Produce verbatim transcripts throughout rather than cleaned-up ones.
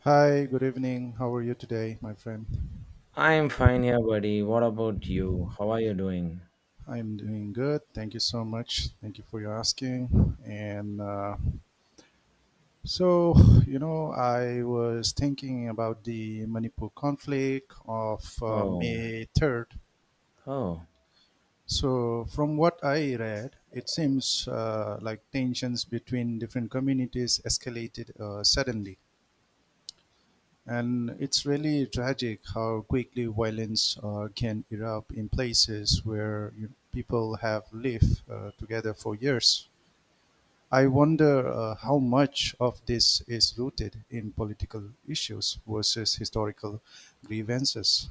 Hi, good evening. How are you today, my friend? I'm fine here, buddy. What about you? How are you doing? I'm doing good. Thank you so much. Thank you for your asking. And uh, so, you know, I was thinking about the Manipur conflict of uh, Oh, May third. oh, So, from what I read, it seems uh, like tensions between different communities escalated uh, suddenly. And it's really tragic how quickly violence uh, can erupt in places where you, people have lived uh, together for years. I wonder uh, how much of this is rooted in political issues versus historical grievances.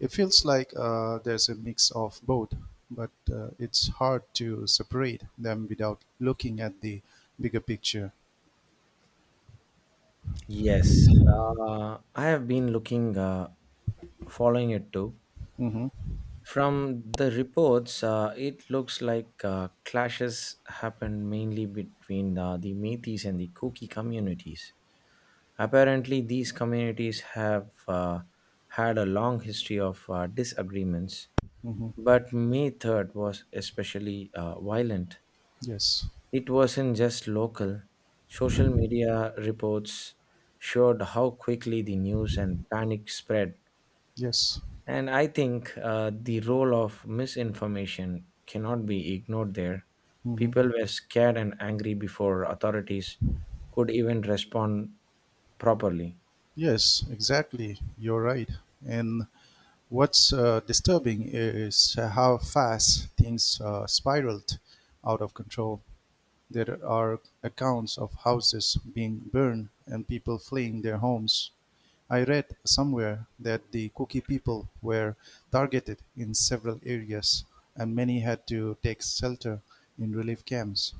It feels like uh, there's a mix of both, but uh, it's hard to separate them without looking at the bigger picture. yes. Uh, I have been looking, uh, following it too. Mm-hmm, From the reports, uh, it looks like uh, clashes happened mainly between uh, the Métis and the Kuki communities. Apparently, these communities have uh, had a long history of uh, disagreements, mm-hmm. but May third was especially uh, violent. Yes, It wasn't just local. Social media reports showed how quickly the news and panic spread. yes. And I think uh, the role of misinformation cannot be ignored there. Mm-hmm. People were scared and angry before authorities could even respond properly. Yes, exactly. You're right. And what's uh, disturbing is how fast things uh, spiraled out of control. There are accounts of houses being burned and people fleeing their homes. I read somewhere that the Kuki people were targeted in several areas, and many had to take shelter in relief camps.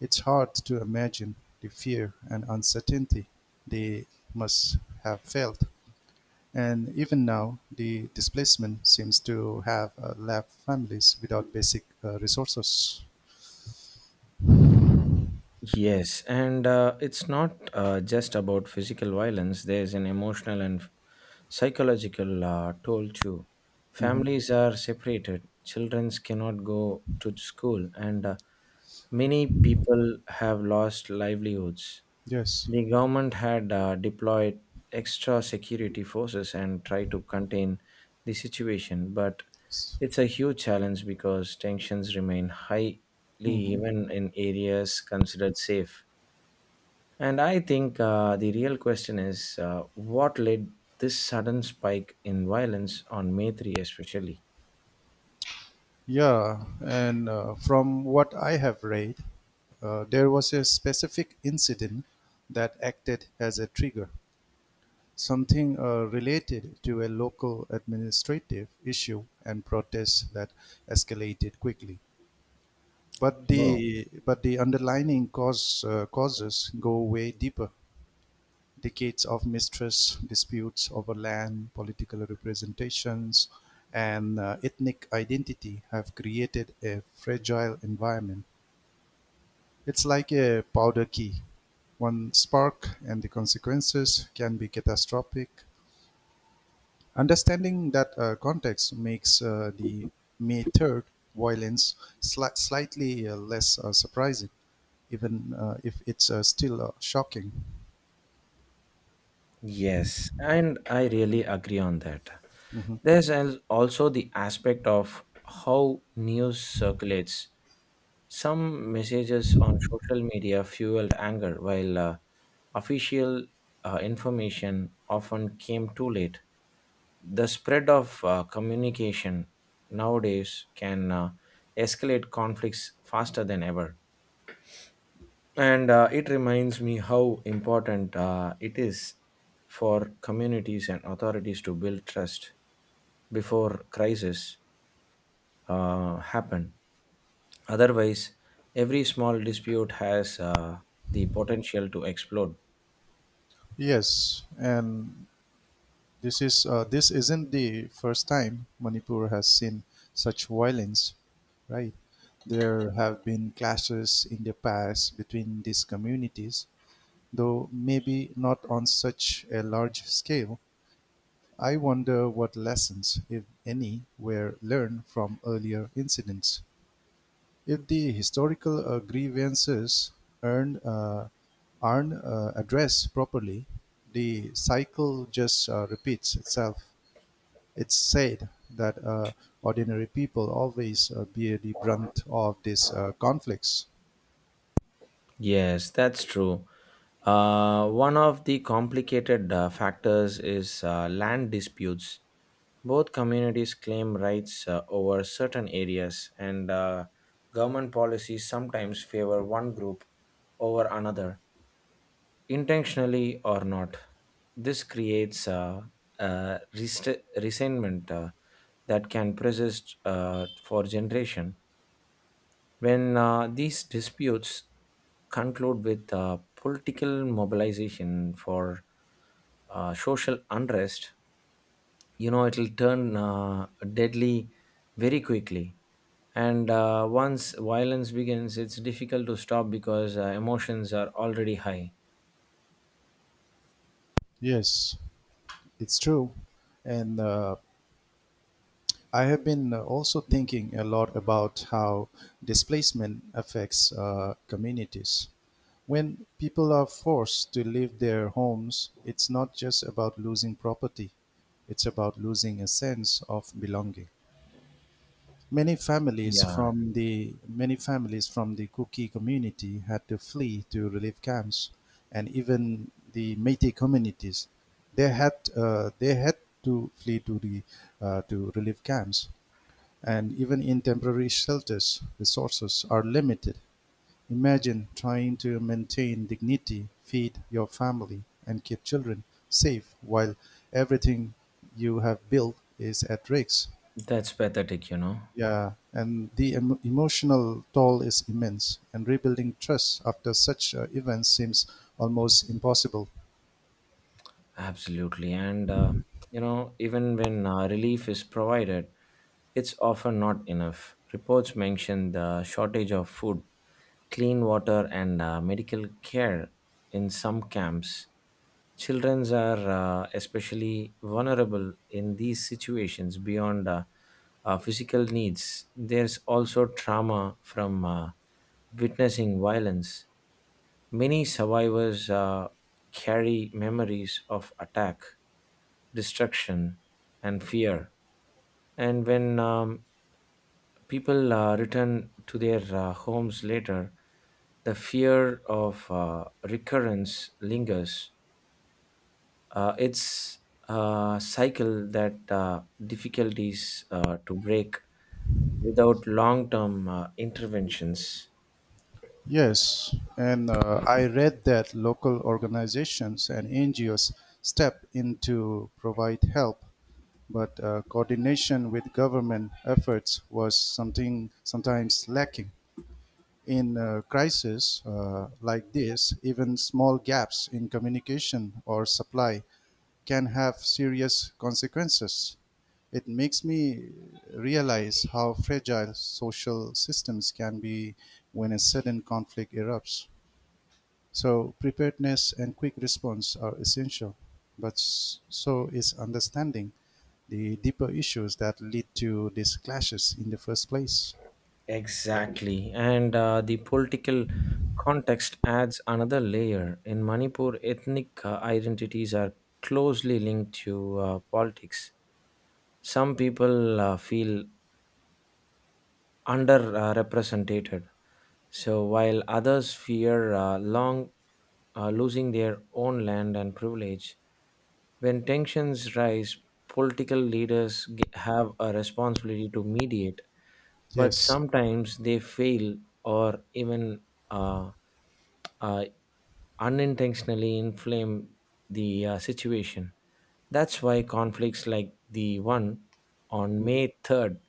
It's hard to imagine the fear and uncertainty they must have felt. And even now, the displacement seems to have uh, left families without basic uh, resources. Yes, and uh, it's not uh, just about physical violence. There's an emotional and psychological uh, toll too. hmm Families are separated, children cannot go to school, and uh, many people have lost livelihoods. Yes. The government had uh, deployed extra security forces and tried to contain the situation, but it's a huge challenge because tensions remain highly Mhm. even in areas considered safe. And I think uh, the real question is uh, what led this sudden spike in violence on May third especially? Yeah, and uh, from what I have read, uh, there was a specific incident that acted as a trigger, something uh, related to a local administrative issue and protests that escalated quickly. But Oh, the but the underlying cause uh, causes go way deeper. Decades of mistrust, disputes over land, political representations, and uh, ethnic identity have created a fragile environment. It's like a powder key. One spark, and the consequences can be catastrophic. Understanding that uh, context makes uh, the May third violence sli- slightly uh, less uh, surprising even uh, if it's uh, still uh, shocking. yes. And I really agree on that. Mhm. There's al- also the aspect of how news circulates. Some messages on social media fueled anger, while uh, official uh, information often came too late. The spread of uh, communication nowadays can uh, escalate conflicts faster than ever. And uh, it reminds me how important uh, it is for communities and authorities to build trust before crises uh, happen. Otherwise, every small dispute has uh, the potential to explode. Yes, and This is uh, this isn't the first time Manipur has seen such violence, right? There have been clashes in the past between these communities, though maybe not on such a large scale. I wonder what lessons, if any, were learned from earlier incidents. If the historical uh, grievances earned, uh, aren't uh, addressed properly, the cycle just uh, repeats itself. It's said that uh, ordinary people always uh, bear the brunt of these uh, conflicts. Yes, that's true. Uh, one of the complicated uh, factors is uh, land disputes. Both communities claim rights uh, over certain areas, and uh, government policies sometimes favor one group over another, intentionally or not. This creates a, a rest- resentment uh, that can persist uh, for generation. When uh, these disputes conclude with uh, political mobilization for uh, social unrest, you know, it'll turn uh, deadly very quickly. And uh, once violence begins, it's difficult to stop because uh, emotions are already high. Yes, it's true. And uh, I have been uh, also thinking a lot about how displacement affects uh, communities. When people are forced to leave their homes, it's not just about losing property, it's about losing a sense of belonging. Many families yeah. from the many families from the Kuki community had to flee to relief camps, and even the Métis communities, they had uh, they had to flee to the uh, to relief camps, and even in temporary shelters, resources are limited. Imagine trying to maintain dignity, feed your family, and keep children safe while everything you have built is at risk. That's pathetic, you know. Yeah, and the em- emotional toll is immense, and rebuilding trust after such uh, events seems almost impossible. Absolutely. And, uh, you know, even when uh, relief is provided, it's often not enough. Reports mention the shortage of food, clean water, and uh, medical care in some camps. Children are uh, especially vulnerable in these situations. Beyond uh, uh, physical needs, there's also trauma from uh, witnessing violence. Many survivors uh, carry memories of attack, destruction, and fear. And when um, people uh, return to their uh, homes later, the fear of uh, recurrence lingers. Uh, it's a cycle that uh, difficulties uh, to break without long term uh, interventions. Yes, and uh, I read that local organizations and N G Os step in to provide help, but uh, coordination with government efforts was something sometimes lacking. In a crisis uh, like this, even small gaps in communication or supply can have serious consequences. It makes me realize how fragile social systems can be when a sudden conflict erupts. So, preparedness and quick response are essential, but so is understanding the deeper issues that lead to these clashes in the first place. Exactly. And uh, the political context adds another layer. In Manipur, ethnic uh, identities are closely linked to uh, politics. Some people uh, feel underrepresented. So while others fear uh, long uh, losing their own land and privilege, when tensions rise, political leaders g- have a responsibility to mediate, but Yes, sometimes they fail or even uh, uh, unintentionally inflame the uh, situation. That's why conflicts like the one on May third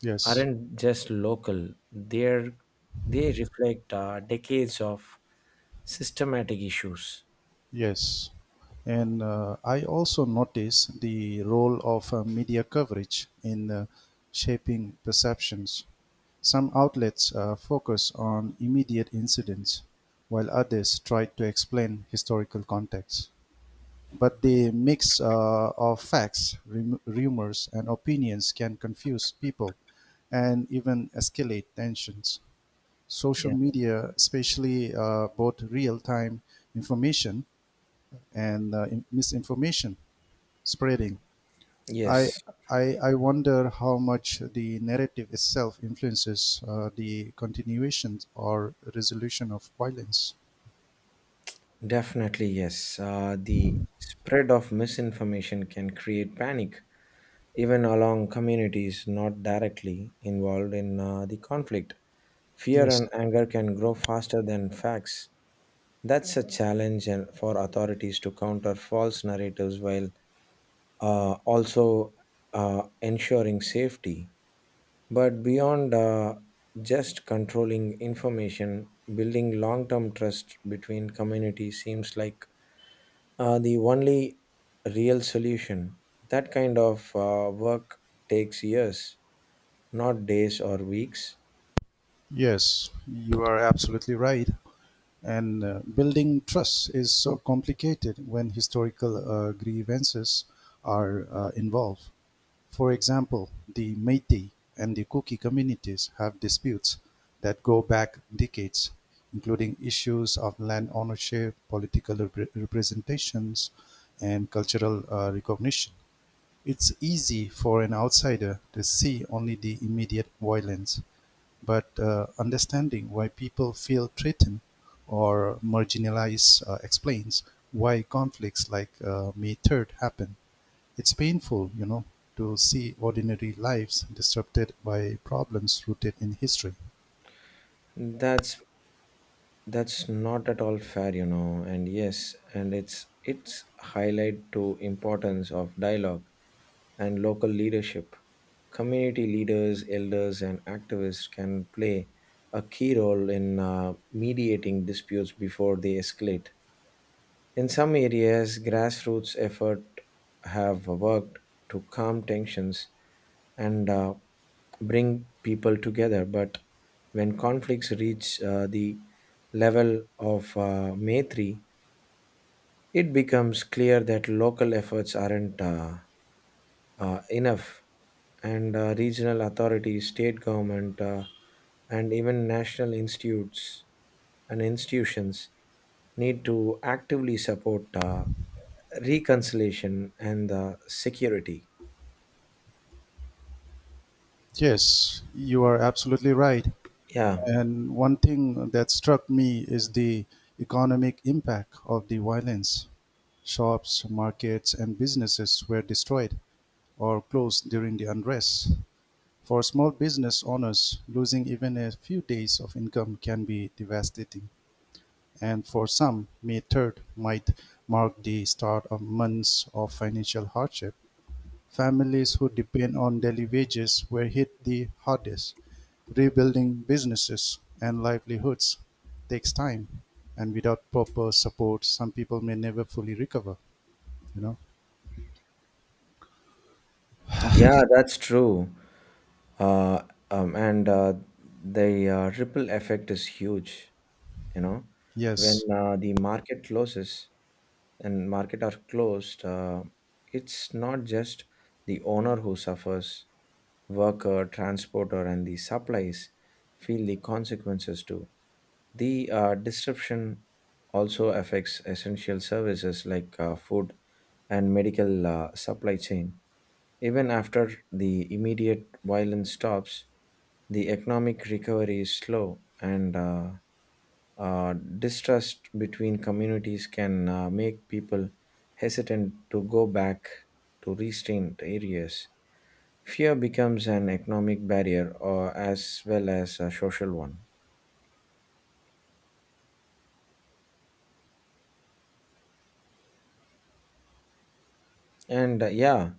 yes. aren't just local, They're, they reflect uh, decades of systematic issues. Yes. And uh, I also notice the role of uh, media coverage in uh, shaping perceptions. Some outlets uh, focus on immediate incidents, while others try to explain historical context. But the mix uh, of facts, rum- rumors, and opinions can confuse people and even escalate tensions. Social Yeah. media, especially uh, both real time information and uh, in- misinformation spreading. I, Yes. I, I wonder how much the narrative itself influences uh, the continuation or resolution of violence. Definitely, yes. Uh, the spread of misinformation can create panic, even along communities not directly involved in uh, the conflict. Fear and Yes, anger can grow faster than facts. That's a challenge and- for authorities to counter false narratives while uh, also uh, ensuring safety. But beyond uh, just controlling information, building long term trust between communities seems like uh, the only real solution. That kind of uh, work takes years, not days or weeks. yes, you are absolutely right. And uh, building trust is so complicated when historical uh, grievances are uh, involved. For example, the Métis and the Kuki communities have disputes that go back decades, including issues of land ownership, political repre- representations, and cultural uh, recognition. It's easy for an outsider to see only the immediate violence, but uh, understanding why people feel threatened or marginalized uh, explains why conflicts like uh, May third happen. It's painful, you know, to see ordinary lives disrupted by problems rooted in history. That's that's not at all fair, you know. And yes, and it's it's highlight to importance of dialogue and local leadership. Community leaders, elders, and activists can play a key role in uh, mediating disputes before they escalate. In some areas, grassroots efforts have worked to calm tensions and uh, bring people together. But when conflicts reach uh, the level of uh, Maitri, it becomes clear that local efforts aren't uh, uh, enough, and uh, regional authorities, state government, uh, and even national institutes and institutions need to actively support uh, reconciliation and the security. Yes, you are absolutely right. Yeah. And one thing that struck me is the economic impact of the violence. Shops, markets, and businesses were destroyed or closed during the unrest. For small business owners, losing even a few days of income can be devastating. And for some, May third might mark the start of months of financial hardship. Families who depend on daily wages were hit the hardest. Rebuilding businesses and livelihoods takes time, and without proper support, some people may never fully recover. You know. Yeah, that's true. Uh, um, and uh, the uh, ripple effect is huge. You know, when Yes. uh, the market closes and market are closed, uh, it's not just the owner who suffers. Worker, transporter, and the supplies feel the consequences too. The uh, disruption also affects essential services like uh, food and medical uh, supply chain. Even after the immediate violence stops, the economic recovery is slow, and uh, uh, distrust between communities can uh, make people hesitant to go back to restrained areas. Fear becomes an economic barrier or as well as a social one. And uh, yeah,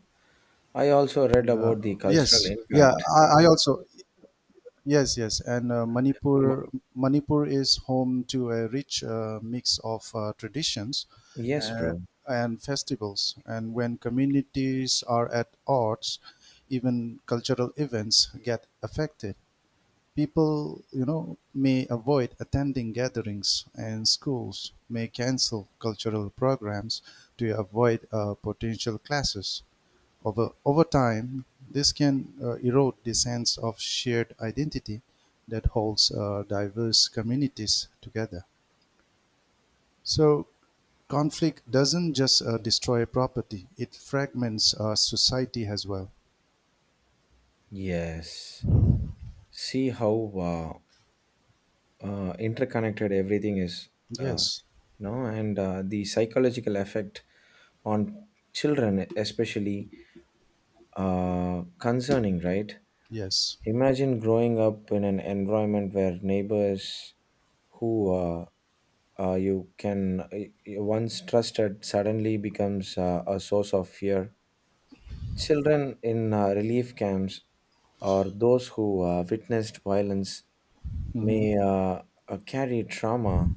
I also read And uh, about the cultural yes, yeah. impact. I, I also Yes, yes, and uh, Mo- Manipur Manipur is home to a rich uh, mix of uh, traditions Yes, uh, bro. and festivals. And when communities are at odds, even cultural events get affected. People, you know, may avoid attending gatherings, and schools may cancel cultural programs to avoid uh, potential clashes. Over, over time, this can uh, erode the sense of shared identity that holds uh, diverse communities together. So, conflict doesn't just uh, destroy property, it fragments uh, society as well. Yes. See how uh, uh, interconnected everything is, uh, Yes, you know, and uh, the psychological effect on children, especially uh, concerning, right? yes. Imagine growing up in an environment where neighbors who uh, uh, you can uh, once trusted suddenly becomes uh, a source of fear. Children in uh, relief camps or those who uh, witnessed violence hmm may uh, uh, carry trauma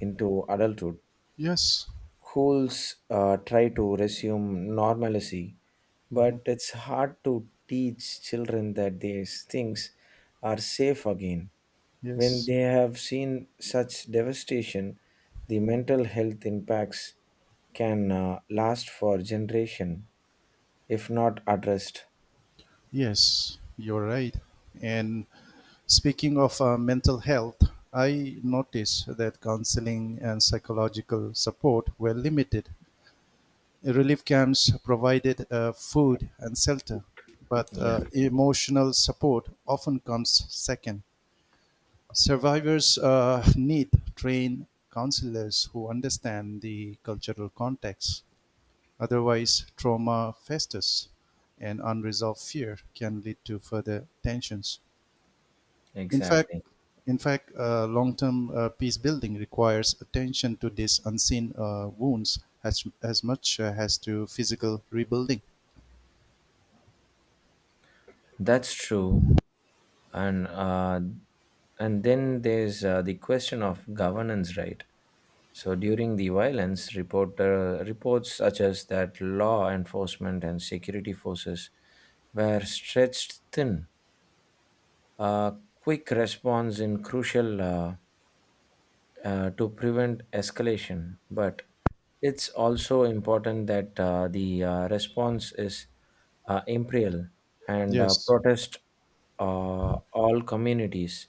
into adulthood. Yes, Schools uh, try to resume normalcy, hmm but it's hard to teach children that these things are safe again. When yes, they have seen such devastation, the mental health impacts can uh, last for generation if not addressed. yes, you're right. And speaking of uh, mental health, I noticed that counseling and psychological support were limited. Relief camps provided uh, food and shelter, but Yeah, uh, emotional support often comes second. Survivors uh, need trained counselors who understand the cultural context. Otherwise, trauma festers and unresolved fear can lead to further tensions. In fact, exactly. in fact, uh, long-term uh, peace building requires attention to these unseen uh, wounds as, as much uh, as to physical rebuilding. That's true. And uh, and then there's uh, the question of governance, right? So during the violence, reporter reports such as that law enforcement and security forces were stretched thin. A quick response in crucial uh, uh, to prevent escalation, but it's also important that uh, the uh, response is uh, imperial and uh, Yes, protest uh, all communities.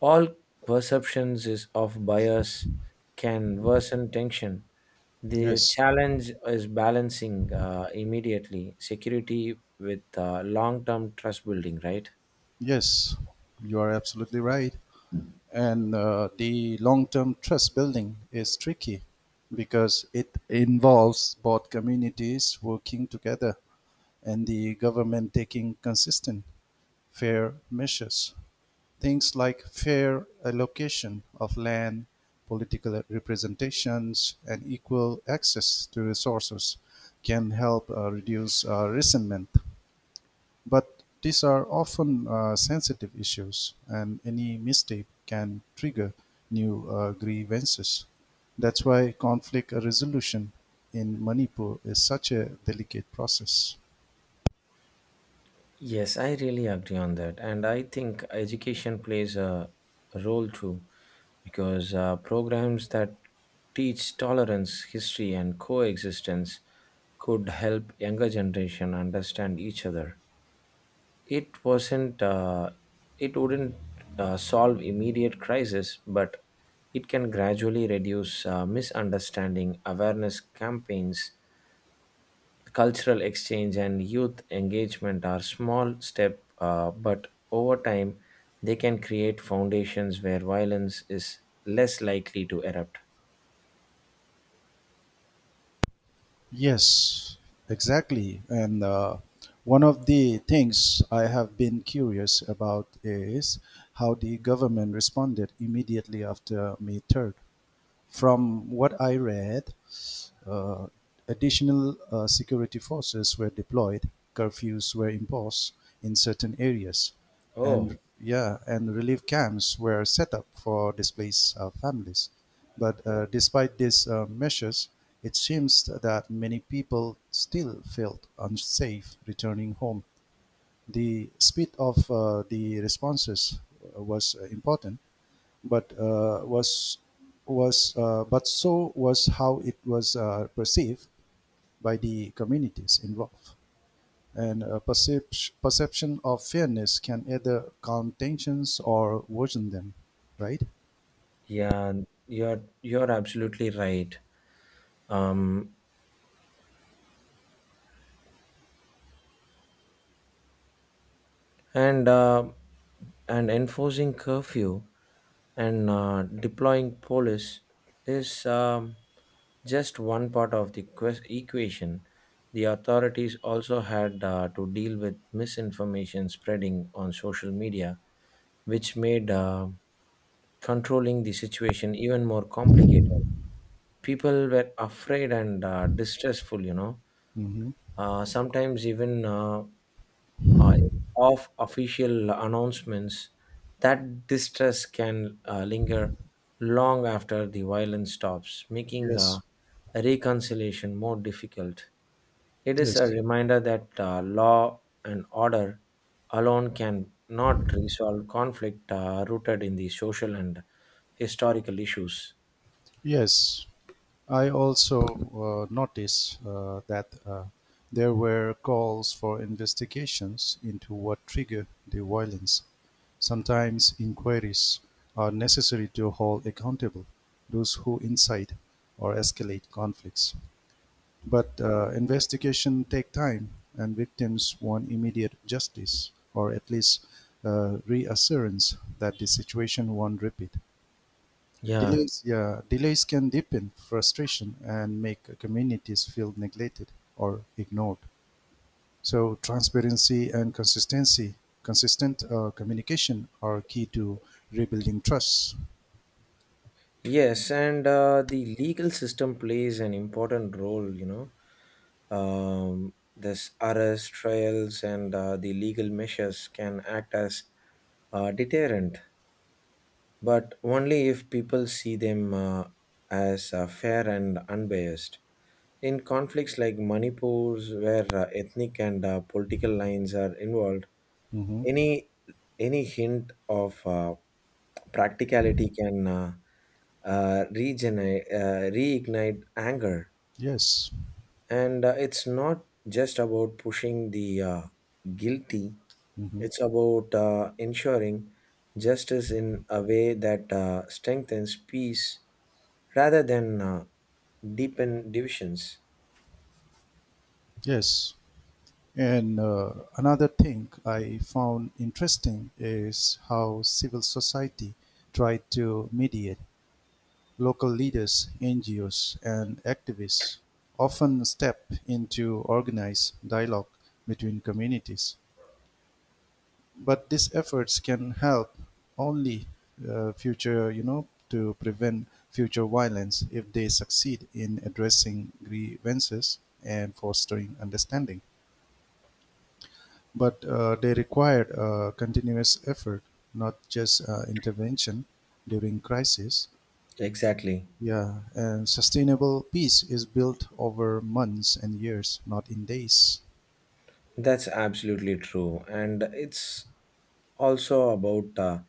All perceptions is of bias can worsen tension. The yes, challenge is balancing uh, immediately security with uh, long-term trust building, right? yes, you are absolutely right. And uh, the long term trust building is tricky because it involves both communities working together and the government taking consistent, fair measures. Things like fair allocation of land, political representations, and equal access to resources can help uh, reduce uh, resentment. But these are often uh, sensitive issues, and any mistake can trigger new uh, grievances. That's why conflict resolution in Manipur is such a delicate process. Yes, I really agree on that. And I think education plays a role too, because uh, programs that teach tolerance, history, and coexistence could help younger generation understand each other. It wasn't, uh, it wouldn't uh, solve immediate crisis, but it can gradually reduce uh, misunderstanding. Awareness campaigns, cultural exchange, and youth engagement are small step, uh, but over time they can create foundations where violence is less likely to erupt. Yes, exactly. And uh, one of the things I have been curious about is how the government responded immediately after May third. From what I read, uh, additional uh, security forces were deployed, curfews were imposed in certain areas, Oh, and yeah, and relief camps were set up for displaced uh, families. But uh, despite these uh, measures, it seems that many people still felt unsafe returning home. The speed of uh, the responses was uh, important, but uh, was was uh, but so was how it was uh, perceived by the communities involved. And a percep- perception of fairness can either calm tensions or worsen them, right? yeah, you're you're absolutely right. Um, and uh, and enforcing curfew and uh, deploying police is um, just one part of the ques- equation. The authorities also had uh, to deal with misinformation spreading on social media, which made uh, controlling the situation even more complicated. People were afraid and uh, distressful, you know. hmm Uh, sometimes even uh, uh, of official announcements, that distress can uh, linger long after the violence stops, making uh, Yes, reconciliation more difficult. It is a yes, reminder that uh, law and order alone can not resolve conflict uh, rooted in the social and historical issues. yes. I also uh, noticed uh, that uh, there were calls for investigations into what triggered the violence. Sometimes inquiries are necessary to hold accountable those who incite or escalate conflicts. But uh, investigation take time, and victims want immediate justice, or at least uh, reassurance that the situation won't repeat. Yeah. Delays, yeah, delays can deepen frustration and make communities feel neglected or ignored. So transparency and consistency, consistent uh, communication are key to rebuilding trust. Yes, and uh, the legal system plays an important role, you know. Um, this arrest, trials, and uh, the legal measures can act as uh, deterrent, but only if people see them uh, as uh, fair and unbiased. In conflicts like Manipur's, where uh, ethnic and uh, political lines are involved, hmm any any hint of uh, practicality can uh, uh, regenerate uh, reignite anger. Yes. And uh, it's not just about pushing the uh, guilty. hmm It's about uh, ensuring justice in a way that uh, strengthens peace rather than uh, deepen divisions. Yes. And uh, another thing I found interesting is how civil society tried to mediate. Local leaders, N G Os, and activists often step into organized dialogue between communities. But these efforts can help only uh, future, you know, to prevent future violence if they succeed in addressing grievances and fostering understanding. But uh, they required uh, continuous effort, not just uh, intervention during crisis. Exactly. Yeah, and sustainable peace is built over months and years, not in days. That's absolutely true. And it's also about uh,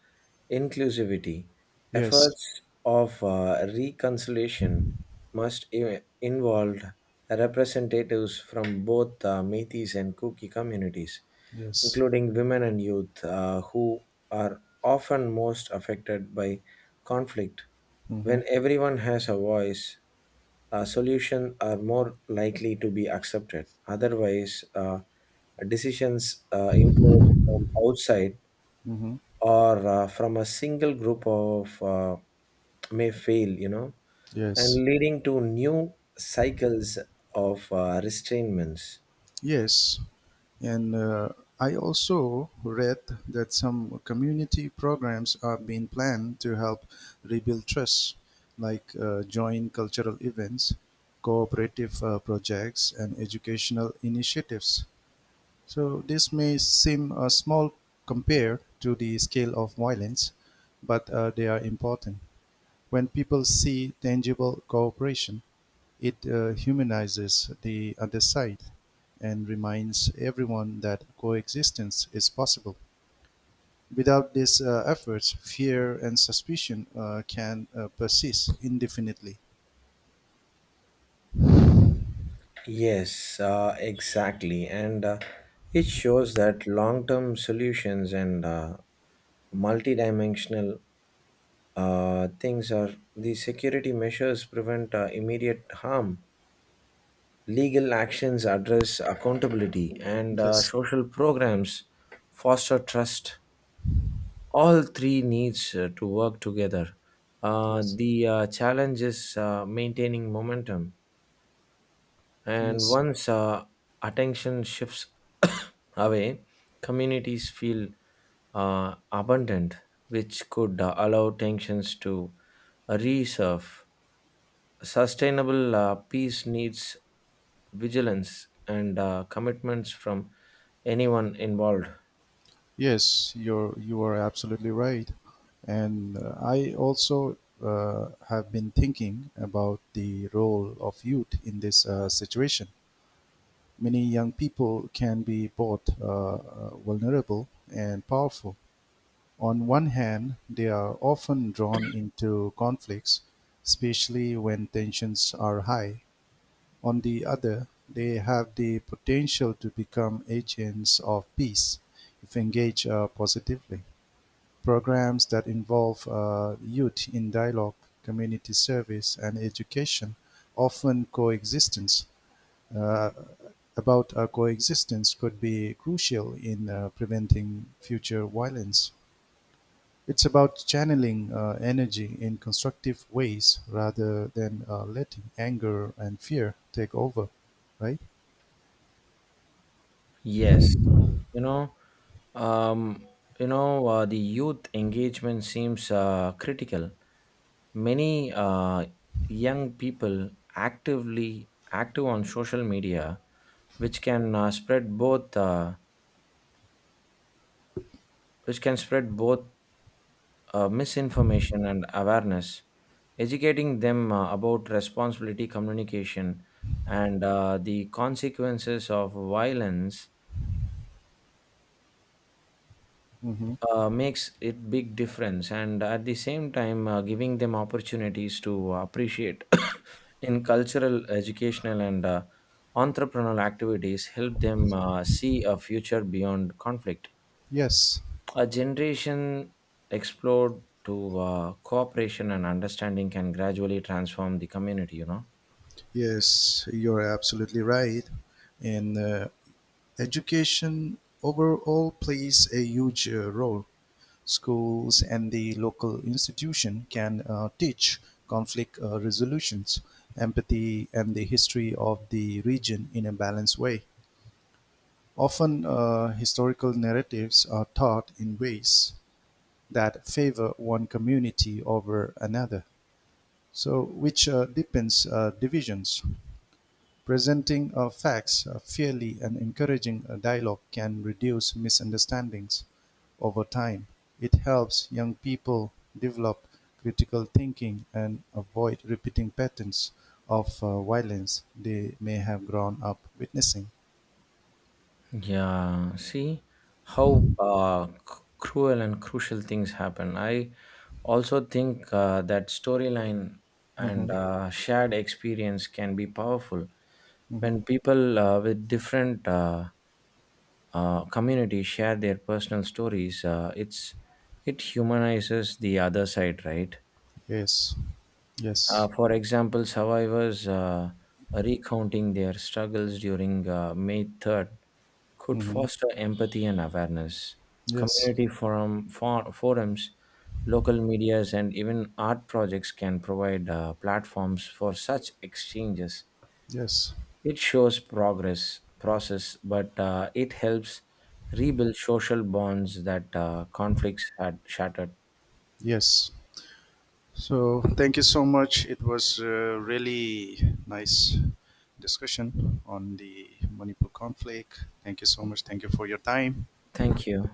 inclusivity. Yes, Efforts of uh, reconciliation must i- involve representatives from both uh, Metis and Kuki communities, yes. including women and youth uh, who are often most affected by conflict. Mm-hmm. When everyone has a voice, uh, solutions are more likely to be accepted. Otherwise, uh, decisions uh, imposed from outside Mm-hmm. or uh, from a single group of uh, may fail, you know, and Yes, leading to new cycles of uh, restrainments. yes. And uh, I also read that some community programs are being planned to help rebuild trust, like uh, joint cultural events, cooperative uh, projects, and educational initiatives. So this may seem uh, small compared to the scale of violence, but uh, they are important. When people see tangible cooperation, it uh, humanizes the other side and reminds everyone that coexistence is possible. Without these uh, efforts, fear and suspicion uh, can uh, persist indefinitely. Yes, uh, exactly. And uh, it shows that long term solutions and uh, multidimensional uh, things are the security measures prevent uh, immediate harm, legal actions address accountability, and uh, Yes, social programs foster trust. All three needs uh, to work together. uh, yes, the uh, challenge is uh, maintaining momentum, and yes, once uh, attention shifts away, communities feel uh, abundant, which could uh, allow tensions to resurf. Sustainable uh, peace needs vigilance and uh, commitments from anyone involved. yes. You're you are absolutely right, and uh, I also uh, have been thinking about the role of youth in this uh, situation. Many young people can be both uh, uh, vulnerable and powerful. On one hand, they are often drawn into conflicts, especially when tensions are high. On the other, they have the potential to become agents of peace if engaged uh, positively. Programs that involve uh, youth in dialogue, community service, and education often coexistence uh, about our coexistence could be crucial in uh, preventing future violence. It's about channeling uh, energy in constructive ways rather than uh, letting anger and fear take over, right? Yes, you know, um, you know, uh, the youth engagement seems uh, critical. Many uh, young people actively active on social media, which can uh, spread both, uh, which can spread both uh, misinformation and awareness. Educating them uh, about responsibility communication and uh, the consequences of violence hmm uh, makes it big difference. And at the same time uh, giving them opportunities to appreciate in cultural, educational, and uh, entrepreneurial activities help them uh, see a future beyond conflict. Yes, A generation explored to uh, cooperation and understanding can gradually transform the community, you know. yes, you're absolutely right. And uh, education overall plays a huge uh, role. Schools and the local institution can uh, teach conflict uh, resolutions, empathy, and the history of the region in a balanced way. Often, uh, historical narratives are taught in ways that favor one community over another, so which uh, deepens uh, divisions. Presenting uh, facts uh, fairly and encouraging a dialogue can reduce misunderstandings over time. It helps young people develop critical thinking and avoid repeating patterns of uh, violence they may have grown up witnessing. Yeah, see how uh, c- cruel and crucial things happen. I also think uh, that storyline and hmm uh, shared experience can be powerful hmm when people uh, with different uh, uh, communities share their personal stories. Uh, it's it humanizes the other side, right? Yes, Uh, yes, for example, survivors uh, recounting their struggles during uh, May third could hmm foster empathy and awareness. yes, Community forum, for, forums, local medias, and even art projects can provide uh, platforms for such exchanges. yes, It shows progress process, but uh, it helps rebuild social bonds that uh, conflicts had shattered. yes. So, thank you so much. It was a really nice discussion on the Manipur conflict. Thank you so much. Thank you for your time. Thank you.